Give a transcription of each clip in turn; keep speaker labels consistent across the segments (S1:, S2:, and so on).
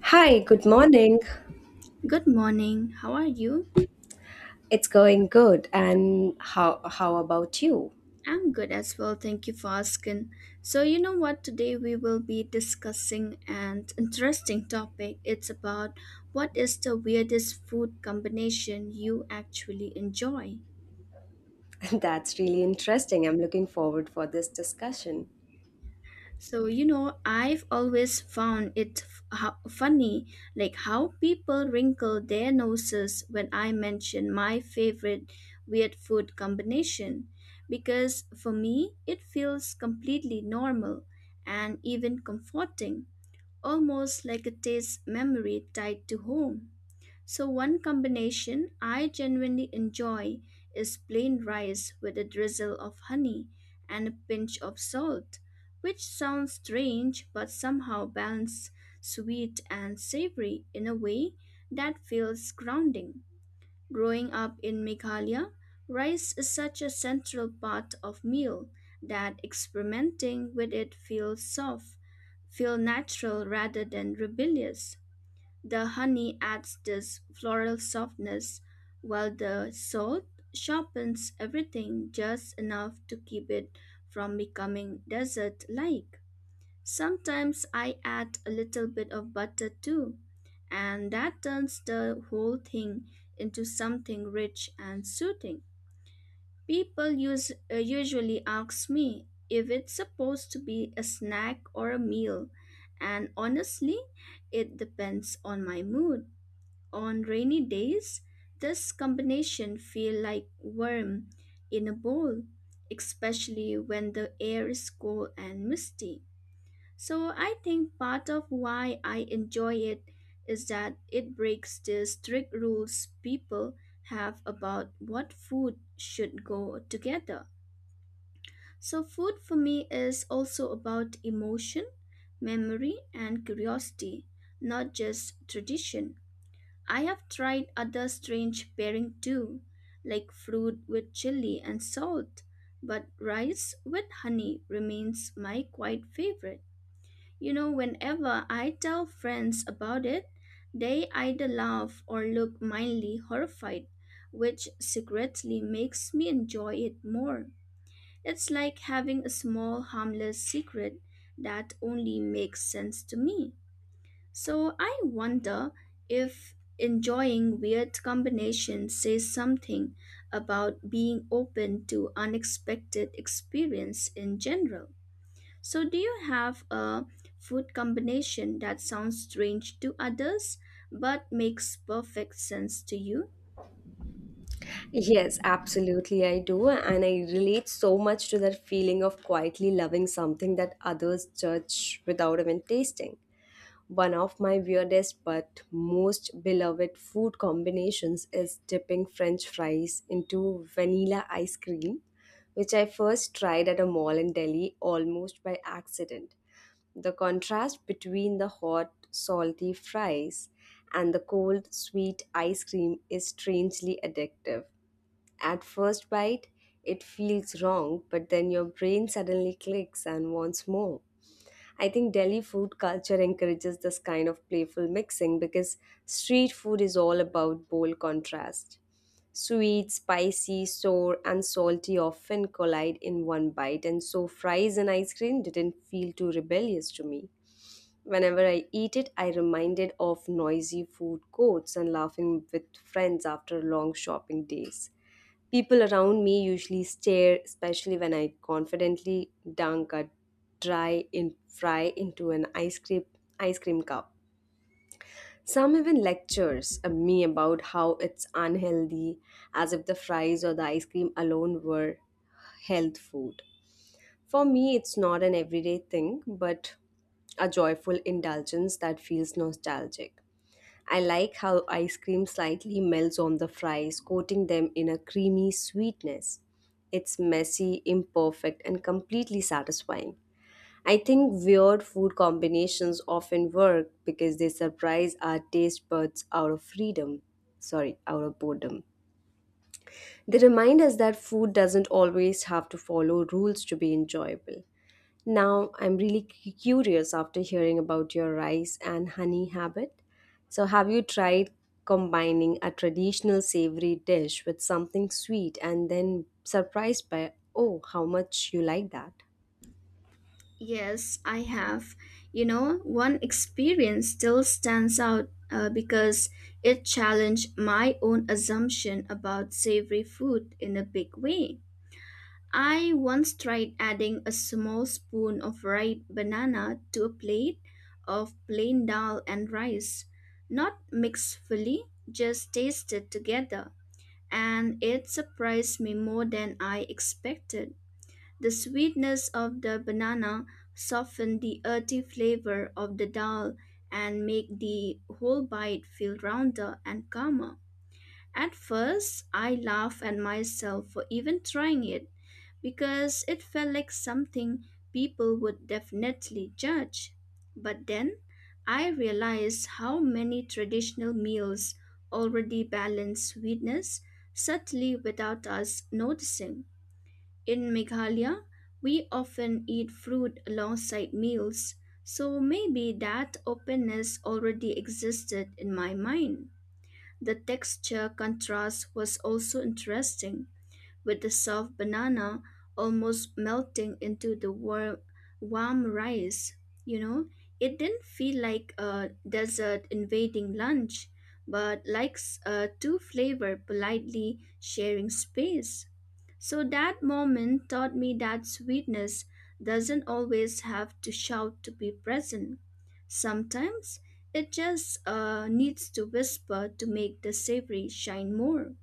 S1: Hi, good morning.
S2: Good morning. How are you?
S1: It's going good. And how about you?
S2: I'm good as well. Thank you for asking. So, you know what? Today we will be discussing an interesting topic. It's about what is the weirdest food combination you actually enjoy?
S1: That's really interesting. I'm looking forward for this discussion.
S2: So, you know, I've always found it funny, like how people wrinkle their noses when I mention my favorite weird food combination, because for me, it feels completely normal and even comforting, almost like a taste memory tied to home. So, one combination I genuinely enjoy is plain rice with a drizzle of honey and a pinch of salt, which sounds strange but somehow balances sweet and savory in a way that feels grounding. Growing up in Meghalaya, rice is such a central part of meal that experimenting with it feels soft, feel natural rather than rebellious. The honey adds this floral softness, while the salt sharpens everything just enough to keep it from becoming desert like. Sometimes I add a little bit of butter too, and that turns the whole thing into something rich and soothing. People usually ask me if it's supposed to be a snack or a meal, and honestly, it depends on my mood. On rainy days, this combination feel like worm in a bowl, especially when the air is cold and misty. So I think part of why I enjoy it is that it breaks the strict rules people have about what food should go together. So food for me is also about emotion, memory and curiosity, not just tradition. I have tried other strange pairing too, like fruit with chili and salt, but rice with honey remains my quite favorite. You know, whenever I tell friends about it, they either laugh or look mildly horrified, which secretly makes me enjoy it more. It's like having a small harmless secret that only makes sense to me. So I wonder if enjoying weird combinations says something about being open to unexpected experience in general. So do you have a food combination that sounds strange to others but makes perfect sense to you?
S1: Yes, absolutely I do, and I relate so much to that feeling of quietly loving something that others judge without even tasting. One of my weirdest but most beloved food combinations is dipping french fries into vanilla ice cream, which I first tried at a mall in Delhi almost by accident. The contrast between the hot, salty fries and the cold, sweet ice cream is strangely addictive. At first bite, it feels wrong, but then your brain suddenly clicks and wants more. I think Delhi food culture encourages this kind of playful mixing because street food is all about bold contrast. Sweet, spicy, sour, and salty often collide in one bite, and so fries and ice cream didn't feel too rebellious to me. Whenever I eat it, I reminded of noisy food courts and laughing with friends after long shopping days. People around me usually stare, especially when I confidently dunk a dry in fry into an ice cream cup. Some even lectures me about how it's unhealthy, as if the fries or the ice cream alone were health food. For me, it's not an everyday thing, but a joyful indulgence that feels nostalgic. I like how ice cream slightly melts on the fries, coating them in a creamy sweetness. It's messy, imperfect, and completely satisfying. I think weird food combinations often work because they surprise our taste buds out of freedom. Sorry, out of boredom. They remind us that food doesn't always have to follow rules to be enjoyable. Now, I'm really curious after hearing about your rice and honey habit. So, have you tried combining a traditional savory dish with something sweet and then surprised by, oh, how much you like that?
S2: Yes, I have. You know, one experience still stands out because it challenged my own assumption about savory food in a big way. I once tried adding a small spoon of ripe banana to a plate of plain dal and rice, not mixed fully, just tasted together, and it surprised me more than I expected. The sweetness of the banana softened the earthy flavor of the dal and made the whole bite feel rounder and calmer. At first, I laughed at myself for even trying it because it felt like something people would definitely judge. But then I realized how many traditional meals already balance sweetness subtly without us noticing. In Meghalaya, we often eat fruit alongside meals, so maybe that openness already existed in my mind. The texture contrast was also interesting with the soft banana almost melting into the warm rice. You know, it didn't feel like a desert invading lunch, but like two flavor politely sharing space. So that moment taught me that sweetness doesn't always have to shout to be present. Sometimes it just needs to whisper to make the savory shine more.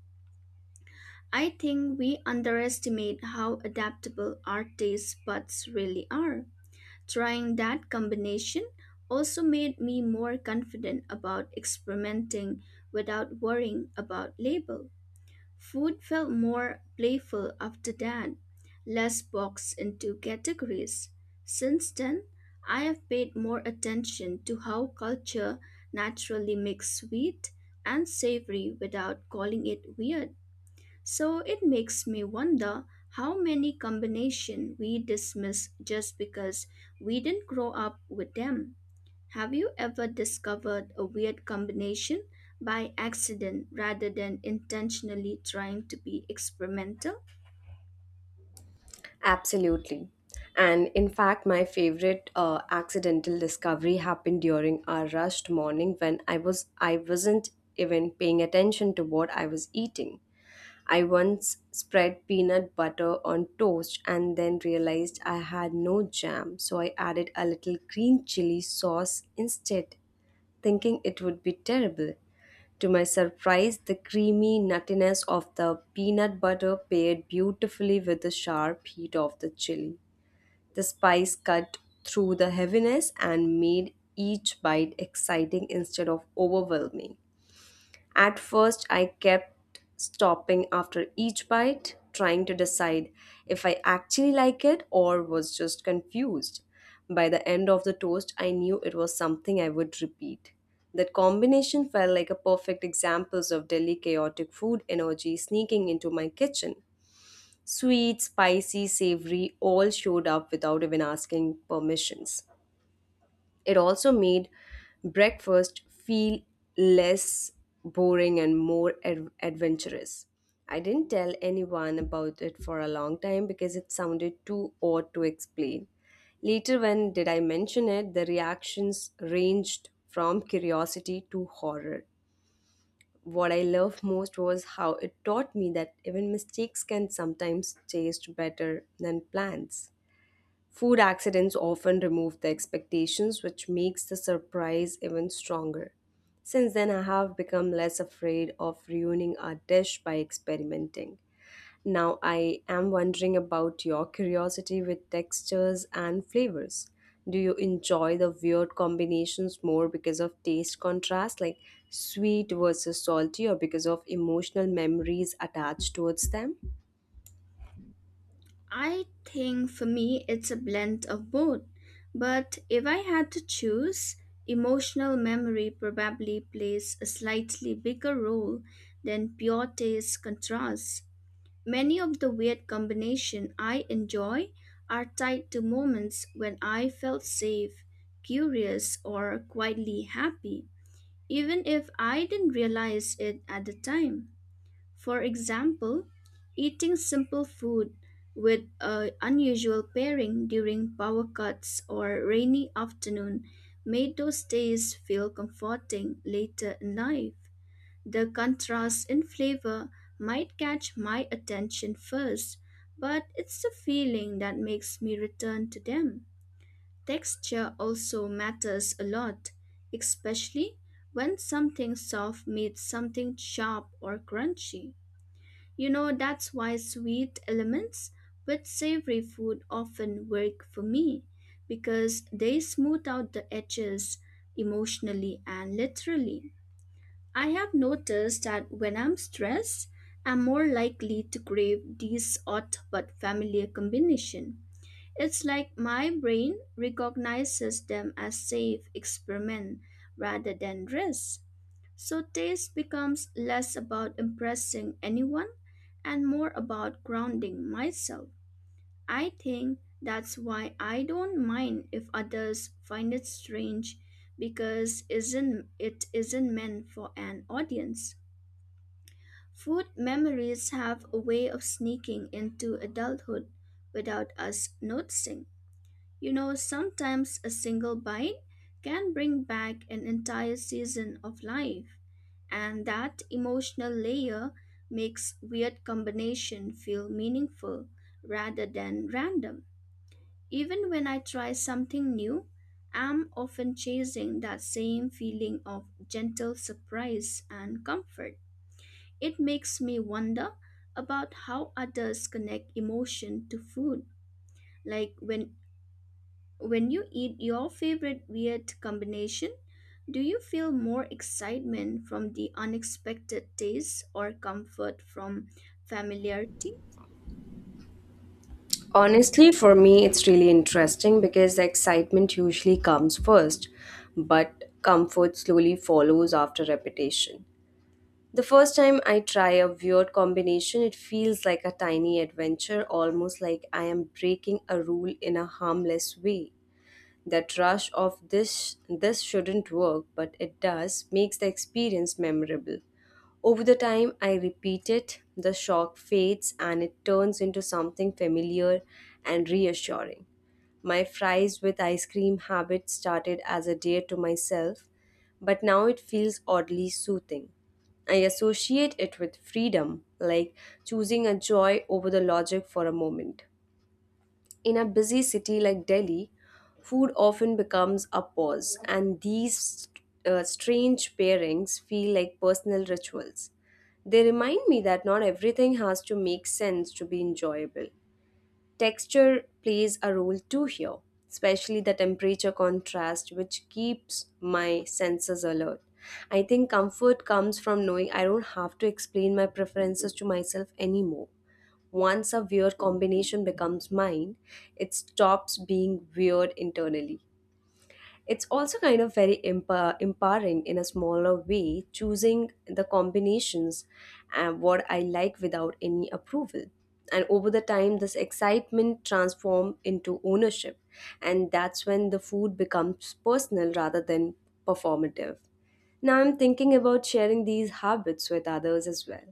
S2: I think we underestimate how adaptable our taste buds really are. Trying that combination also made me more confident about experimenting without worrying about label. Food felt more playful after that, less boxed into categories. Since then, I have paid more attention to how culture naturally makes sweet and savory without calling it weird. So it makes me wonder how many combinations we dismiss just because we didn't grow up with them. Have you ever discovered a weird combination by accident rather than intentionally trying to be experimental?
S1: Absolutely. And in fact, my favorite accidental discovery happened during our rushed morning when I wasn't even paying attention to what I was eating. I once spread peanut butter on toast and then realized I had no jam, so I added a little green chili sauce instead, thinking it would be terrible. To my surprise, the creamy nuttiness of the peanut butter paired beautifully with the sharp heat of the chili. The spice cut through the heaviness and made each bite exciting instead of overwhelming. At first, I kept stopping after each bite, trying to decide if I actually like it or was just confused. By the end of the toast, I knew it was something I would repeat. That combination felt like a perfect example of Delhi chaotic food energy sneaking into my kitchen. Sweet, spicy, savory all showed up without even asking permissions. It also made breakfast feel less boring and more adventurous. I didn't tell anyone about it for a long time because it sounded too odd to explain. Later, when did I mention it, the reactions ranged from curiosity to horror. What I loved most was how it taught me that even mistakes can sometimes taste better than plans. Food accidents often remove the expectations, which makes the surprise even stronger. Since then, I have become less afraid of ruining a dish by experimenting. Now, I am wondering about your curiosity with textures and flavors. Do you enjoy the weird combinations more because of taste contrast, like sweet versus salty, or because of emotional memories attached towards them?
S2: I think for me it's a blend of both. But if I had to choose, emotional memory probably plays a slightly bigger role than pure taste contrast. Many of the weird combinations I enjoy are tied to moments when I felt safe, curious, or quietly happy, even if I didn't realize it at the time. For example, eating simple food with an unusual pairing during power cuts or rainy afternoon made those days feel comforting later in life. The contrast in flavor might catch my attention first, but it's the feeling that makes me return to them. Texture also matters a lot, especially when something soft meets something sharp or crunchy. You know, that's why sweet elements with savory food often work for me because they smooth out the edges emotionally and literally. I have noticed that when I'm stressed, I'm more likely to crave these odd but familiar combination. It's like my brain recognizes them as safe experiment rather than risk. So taste becomes less about impressing anyone and more about grounding myself. I think that's why I don't mind if others find it strange because isn't it isn't meant for an audience. Food memories have a way of sneaking into adulthood without us noticing. You know, sometimes a single bite can bring back an entire season of life, and that emotional layer makes weird combination feel meaningful rather than random. Even when I try something new, I'm often chasing that same feeling of gentle surprise and comfort. It makes me wonder about how others connect emotion to food. Like when you eat your favorite weird combination, do you feel more excitement from the unexpected taste or comfort from familiarity?
S1: Honestly, for me, it's really interesting because the excitement usually comes first, but comfort slowly follows after repetition. The first time I try a weird combination, it feels like a tiny adventure, almost like I am breaking a rule in a harmless way. That rush of this shouldn't work, but it does makes the experience memorable. Over the time I repeat it, the shock fades and it turns into something familiar and reassuring. My fries with ice cream habit started as a dare to myself, but now it feels oddly soothing. I associate it with freedom, like choosing a joy over the logic for a moment. In a busy city like Delhi, food often becomes a pause, and these strange pairings feel like personal rituals. They remind me that not everything has to make sense to be enjoyable. Texture plays a role too here, especially the temperature contrast, which keeps my senses alert. I think comfort comes from knowing I don't have to explain my preferences to myself anymore. Once a weird combination becomes mine, it stops being weird internally. It's also kind of very empowering in a smaller way, choosing the combinations and what I like without any approval. And over the time, this excitement transforms into ownership. And that's when the food becomes personal rather than performative. Now I'm thinking about sharing these habits with others as well.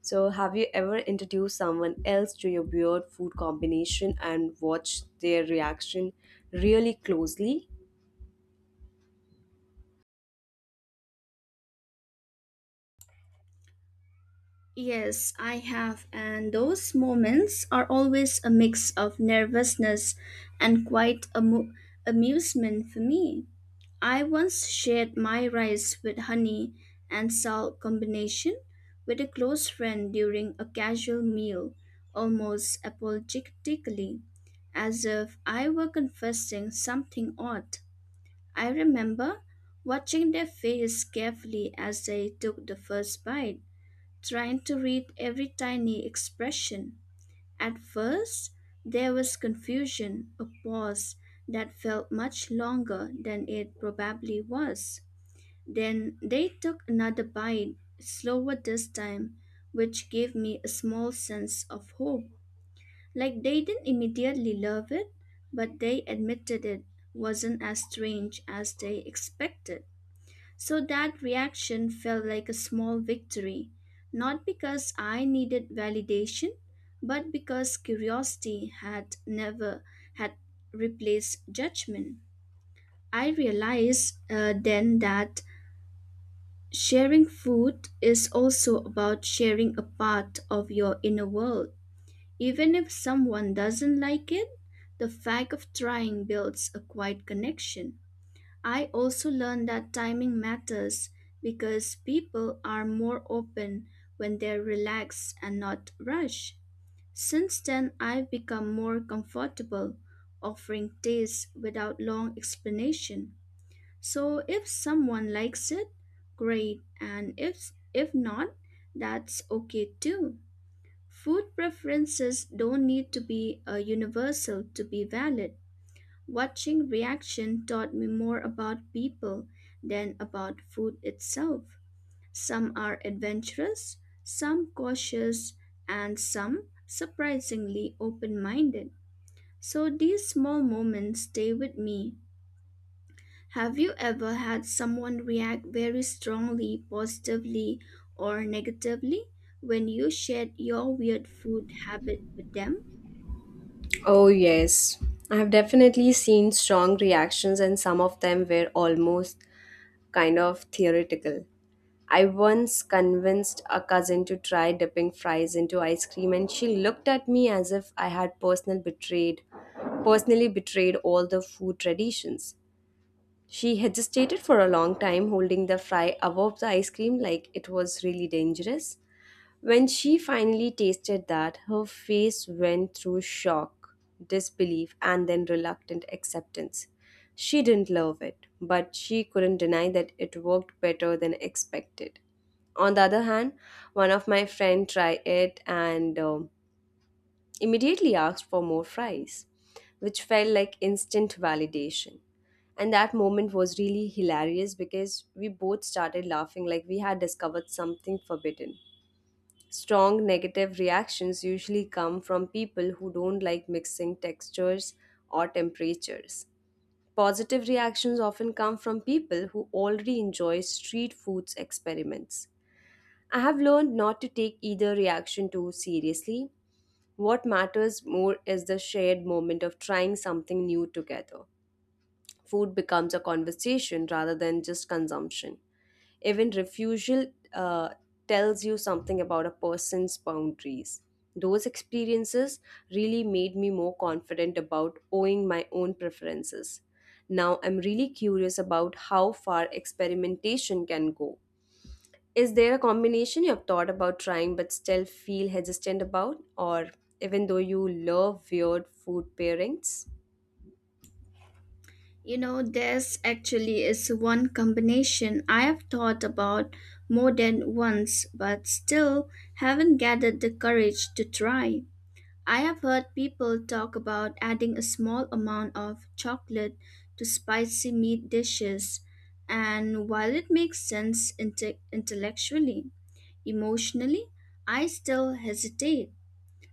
S1: So, have you ever introduced someone else to your weird food combination and watched their reaction really closely?
S2: Yes, I have, and those moments are always a mix of nervousness and amusement for me. I once shared my rice with honey and salt combination with a close friend during a casual meal, almost apologetically, as if I were confessing something odd. I remember watching their face carefully as they took the first bite, trying to read every tiny expression. At first, there was confusion, a pause that felt much longer than it probably was. Then they took another bite, slower this time, which gave me a small sense of hope. Like they didn't immediately love it, but they admitted it wasn't as strange as they expected. So that reaction felt like a small victory, not because I needed validation, but because curiosity had never had replaced judgment. I realized then that sharing food is also about sharing a part of your inner world. Even if someone doesn't like it, the fact of trying builds a quiet connection. I also learned that timing matters because people are more open when they're relaxed and not rushed. Since then, I've become more comfortable offering tastes without long explanation. So if someone likes it, great, and if not, that's okay too. Food preferences don't need to be a universal to be valid. Watching reaction taught me more about people than about food itself. Some are adventurous, some cautious, and some surprisingly open minded. So these small moments stay with me. Have you ever had someone react very strongly, positively, or negatively when you shared your weird food habit with them?
S1: Oh, yes. I have definitely seen strong reactions, and some of them were almost kind of theoretical. I once convinced a cousin to try dipping fries into ice cream, and she looked at me as if I had personally betrayed all the food traditions. She hesitated for a long time, holding the fry above the ice cream like it was really dangerous. When she finally tasted that, her face went through shock, disbelief, and then reluctant acceptance. She didn't love it, but she couldn't deny that it worked better than expected. On the other hand, one of my friend tried it and immediately asked for more fries, which felt like instant validation. And that moment was really hilarious because we both started laughing like we had discovered something forbidden. Strong negative reactions usually come from people who don't like mixing textures or temperatures. Positive reactions often come from people who already enjoy street food's experiments. I have learned not to take either reaction too seriously. What matters more is the shared moment of trying something new together. Food becomes a conversation rather than just consumption. Even refusal uh, tells you something about a person's boundaries. Those experiences really made me more confident about owning my own preferences. Now I'm really curious about how far experimentation can go. Is there a combination you have thought about trying but still feel hesitant about, or even though you love weird food pairings?
S2: You know, this actually is one combination I have thought about more than once, but still haven't gathered the courage to try. I have heard people talk about adding a small amount of chocolate to spicy meat dishes, and while it makes sense intellectually, emotionally, I still hesitate.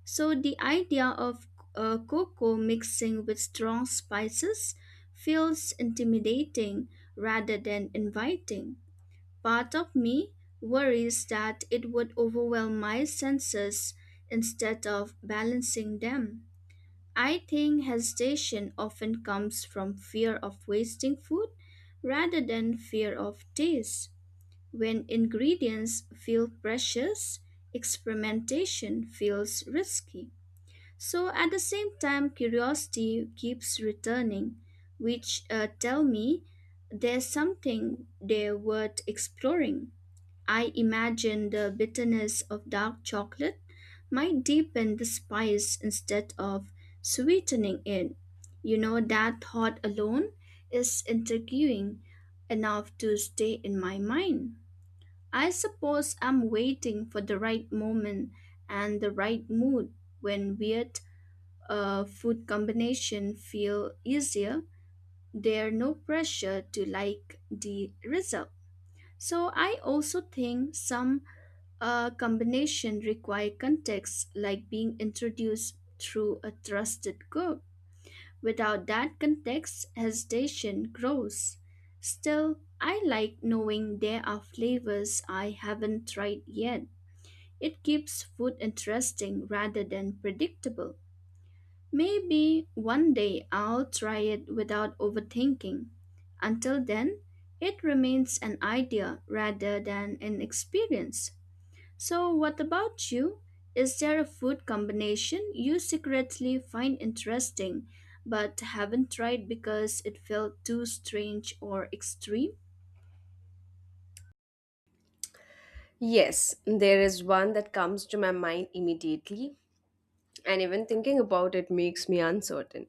S2: So the idea of cocoa mixing with strong spices feels intimidating rather than inviting. Part of me worries that it would overwhelm my senses instead of balancing them. I think hesitation often comes from fear of wasting food rather than fear of taste. When ingredients feel precious, experimentation feels risky. So at the same time, curiosity keeps returning, which tell me there's something there worth exploring. I imagine the bitterness of dark chocolate might deepen the spice instead of sweetening it. You know, that thought alone is intriguing enough to stay in my mind. I suppose I'm waiting for the right moment and the right mood when weird food combination feel easier. There no pressure to like the result. So I also think some combination require context, like being introduced through a trusted group. Without that context, hesitation grows. Still, I like knowing there are flavors I haven't tried yet. It keeps food interesting rather than predictable. Maybe one day I'll try it without overthinking. Until then, it remains an idea rather than an experience. So, what about you? Is there a food combination you secretly find interesting but haven't tried because it felt too strange or extreme?
S1: Yes, there is one that comes to my mind immediately, and even thinking about it makes me uncertain.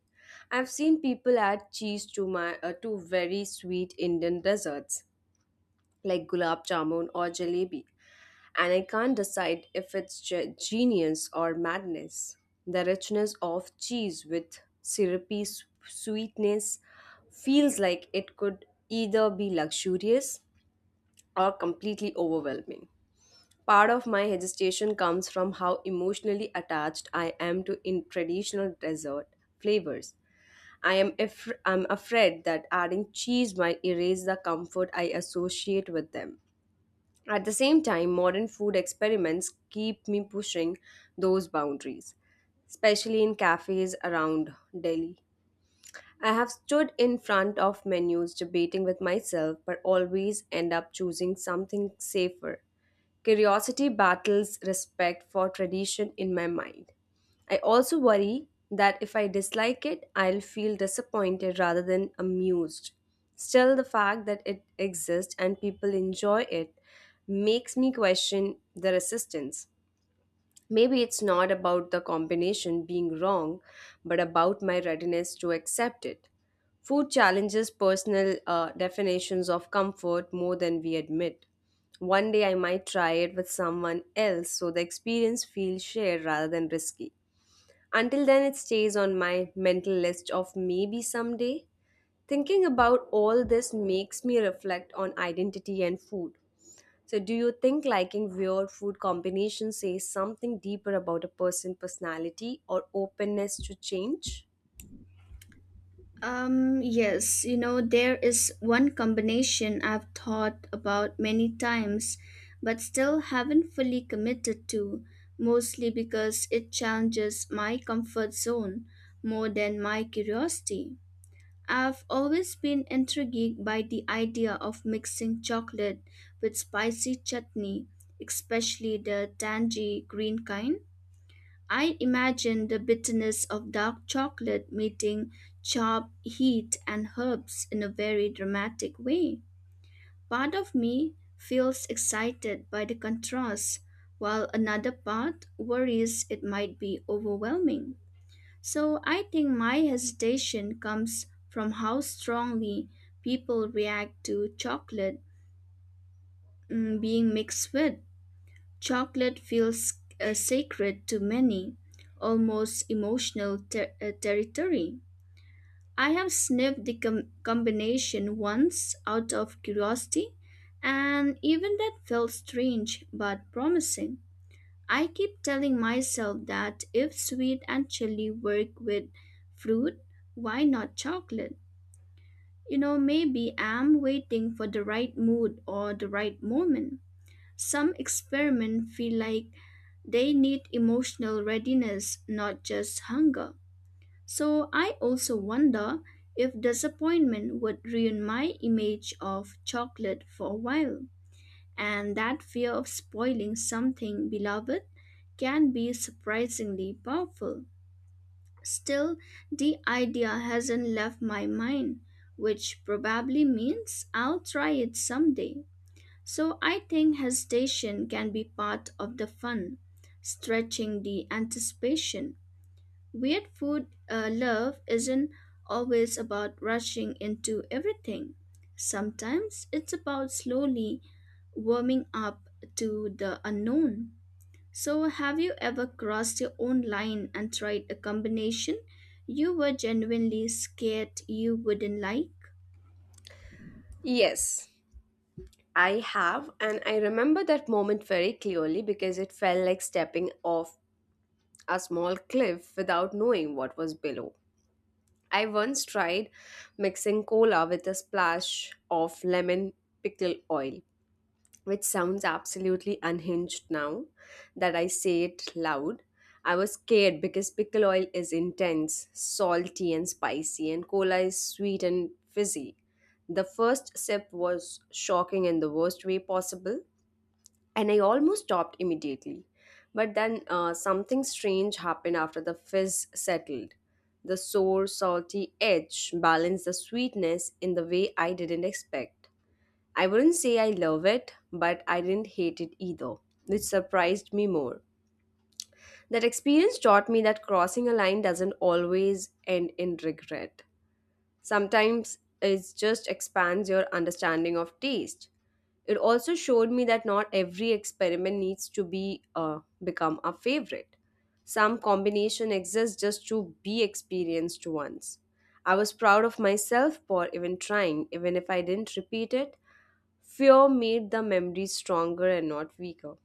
S1: I've seen people add cheese to very sweet Indian desserts like gulab jamun or jalebi, and I can't decide if it's genius or madness. The richness of cheese with syrupy sweetness feels like it could either be luxurious or completely overwhelming. Part of my hesitation comes from how emotionally attached I am to in traditional dessert flavors. I'm afraid that adding cheese might erase the comfort I associate with them. At the same time, modern food experiments keep me pushing those boundaries, especially in cafes around Delhi. I have stood in front of menus debating with myself, but always end up choosing something safer. Curiosity battles respect for tradition in my mind. I also worry that if I dislike it, I'll feel disappointed rather than amused. Still, the fact that it exists and people enjoy it makes me question the resistance. Maybe it's not about the combination being wrong, but about my readiness to accept it. Food challenges personal definitions of comfort more than we admit. One day I might try it with someone else so the experience feels shared rather than risky. Until then, it stays on my mental list of maybe someday. Thinking about all this makes me reflect on identity and food. So, do you think liking weird food combinations says something deeper about a person's personality or openness to change?
S2: Yes, you know, there is one combination I've thought about many times, but still haven't fully committed to, mostly because it challenges my comfort zone more than my curiosity. I've always been intrigued by the idea of mixing chocolate with spicy chutney, especially the tangy green kind. I imagine the bitterness of dark chocolate meeting sharp heat and herbs in a very dramatic way. Part of me feels excited by the contrast, while another part worries it might be overwhelming. So I think my hesitation comes from how strongly people react to being mixed with Chocolate feels sacred to many, almost emotional territory. I have sniffed the combination once out of curiosity, and even that felt strange but promising. I keep telling myself that if sweet and chili work with fruit, why not chocolate? You know, maybe I'm waiting for the right mood or the right moment. Some experiments feel like they need emotional readiness, not just hunger. So I also wonder if disappointment would ruin my image of chocolate for a while. And that fear of spoiling something beloved can be surprisingly powerful. Still, the idea hasn't left my mind, which probably means I'll try it someday. So I think hesitation can be part of the fun, stretching the anticipation. Weird food love isn't always about rushing into everything. Sometimes it's about slowly warming up to the unknown. So, have you ever crossed your own line and tried a combination you were genuinely scared you wouldn't like?
S1: Yes, I have, and I remember that moment very clearly because it felt like stepping off a small cliff without knowing what was below. I once tried mixing cola with a splash of lemon pickle oil, which sounds absolutely unhinged now that I say it loud. I was scared because pickle oil is intense, salty, and spicy, and cola is sweet and fizzy. The first sip was shocking in the worst way possible, and I almost stopped immediately. But then something strange happened after the fizz settled. The sour, salty edge balanced the sweetness in the way I didn't expect. I wouldn't say I love it, but I didn't hate it either, which surprised me more. That experience taught me that crossing a line doesn't always end in regret. Sometimes it just expands your understanding of taste. It also showed me that not every experiment needs to be become a favorite. Some combination exists just to be experienced once. I was proud of myself for even trying, even if I didn't repeat it. Fear made the memories stronger and not weaker.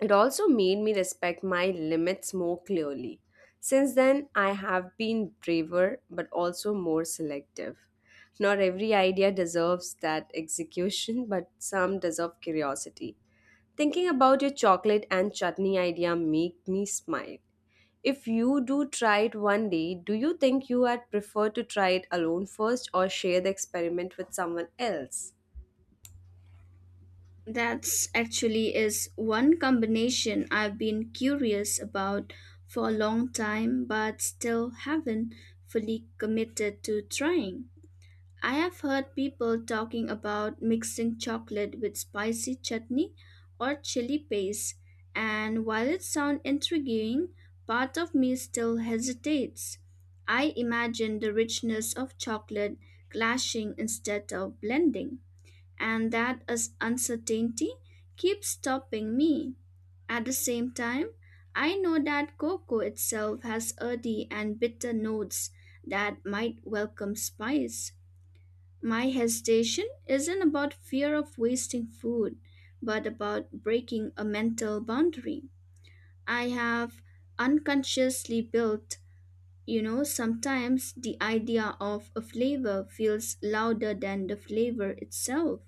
S1: It also made me respect my limits more clearly. Since then, I have been braver but also more selective. Not every idea deserves that execution, but some deserve curiosity. Thinking about your chocolate and chutney idea make me smile. If you do try it one day, do you think you had prefer to try it alone first or share the experiment with someone else?
S2: That's actually is one combination I've been curious about for a long time but still haven't fully committed to trying. I have heard people talking about mixing chocolate with spicy chutney or chili paste, and while it sounds intriguing, part of me still hesitates. I imagine the richness of chocolate clashing instead of blending and that is uncertainty keeps stopping me. At the same time, I know that cocoa itself has earthy and bitter notes that might welcome spice. My hesitation isn't about fear of wasting food, but about breaking a mental boundary. I have unconsciously built, you know, sometimes the idea of a flavor feels louder than the flavor itself.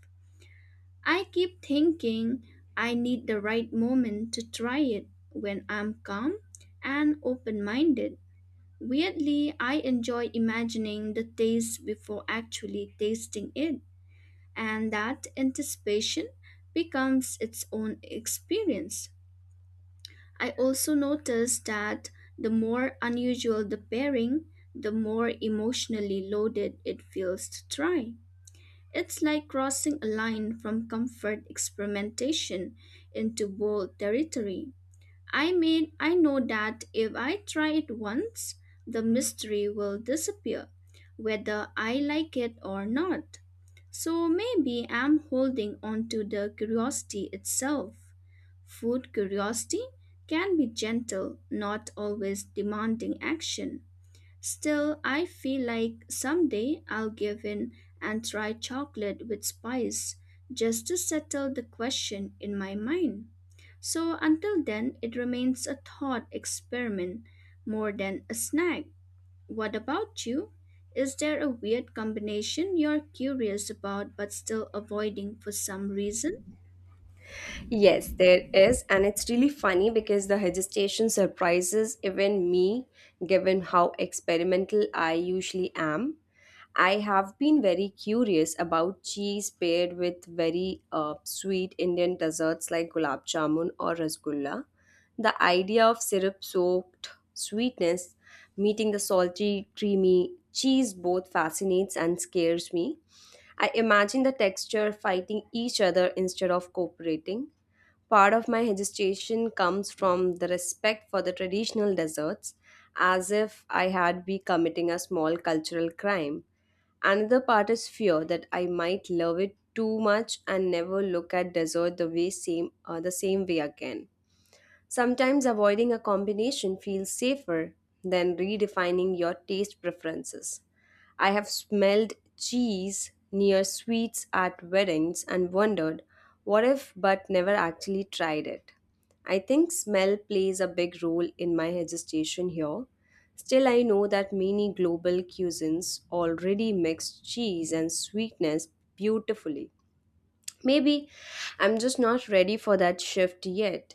S2: I keep thinking I need the right moment to try it when I'm calm and open minded. Weirdly, I enjoy imagining the taste before actually tasting it, and that anticipation becomes its own experience. I also notice that the more unusual the pairing, the more emotionally loaded it feels to try. It's like crossing a line from comfort experimentation into bold territory. I mean, I know that if I try it once, the mystery will disappear, whether I like it or not. So maybe I'm holding on to the curiosity itself. Food curiosity can be gentle, not always demanding action. Still, I feel like someday I'll give in and try chocolate with spice just to settle the question in my mind. So until then, it remains a thought experiment more than a snack. What about you? Is there a weird combination you're curious about but still avoiding for some reason?
S1: Yes, there is, and it's really funny because the hesitation surprises even me, given how experimental I usually am. I have been very curious about cheese paired with very sweet Indian desserts like gulab jamun or rasgulla. The idea of syrup soaked sweetness meeting the salty, creamy cheese both fascinates and scares me. I imagine the texture fighting each other instead of cooperating. Part of my hesitation comes from the respect for the traditional desserts, as if I had be committing a small cultural crime. Another part is fear that I might love it too much and never look at dessert the same way again. Sometimes avoiding a combination feels safer than redefining your taste preferences. I have smelled cheese near sweets at weddings and wondered what if but never actually tried it. I think smell plays a big role in my hesitation here. Still, I know that many global cuisines already mix cheese and sweetness beautifully. Maybe I'm just not ready for that shift yet.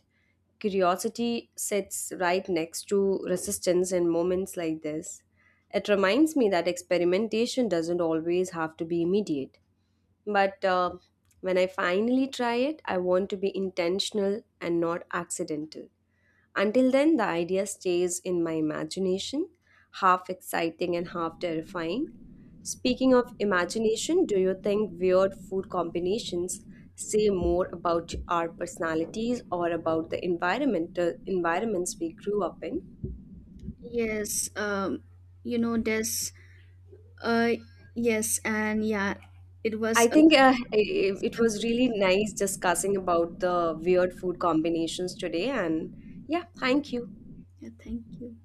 S1: Curiosity sits right next to resistance in moments like this. It reminds me that experimentation doesn't always have to be immediate. But When I finally try it, I want to be intentional and not accidental. Until then, the idea stays in my imagination, half exciting and half terrifying. Speaking of imagination, do you think weird food combinations say more about our personalities or about the environmental environments we grew up in?
S2: Yes, you know, there's, uh, yes, and yeah, it
S1: I
S2: was a,
S1: think it was really nice discussing about the weird food combinations today, and yeah, thank you.
S2: yeah, thank you.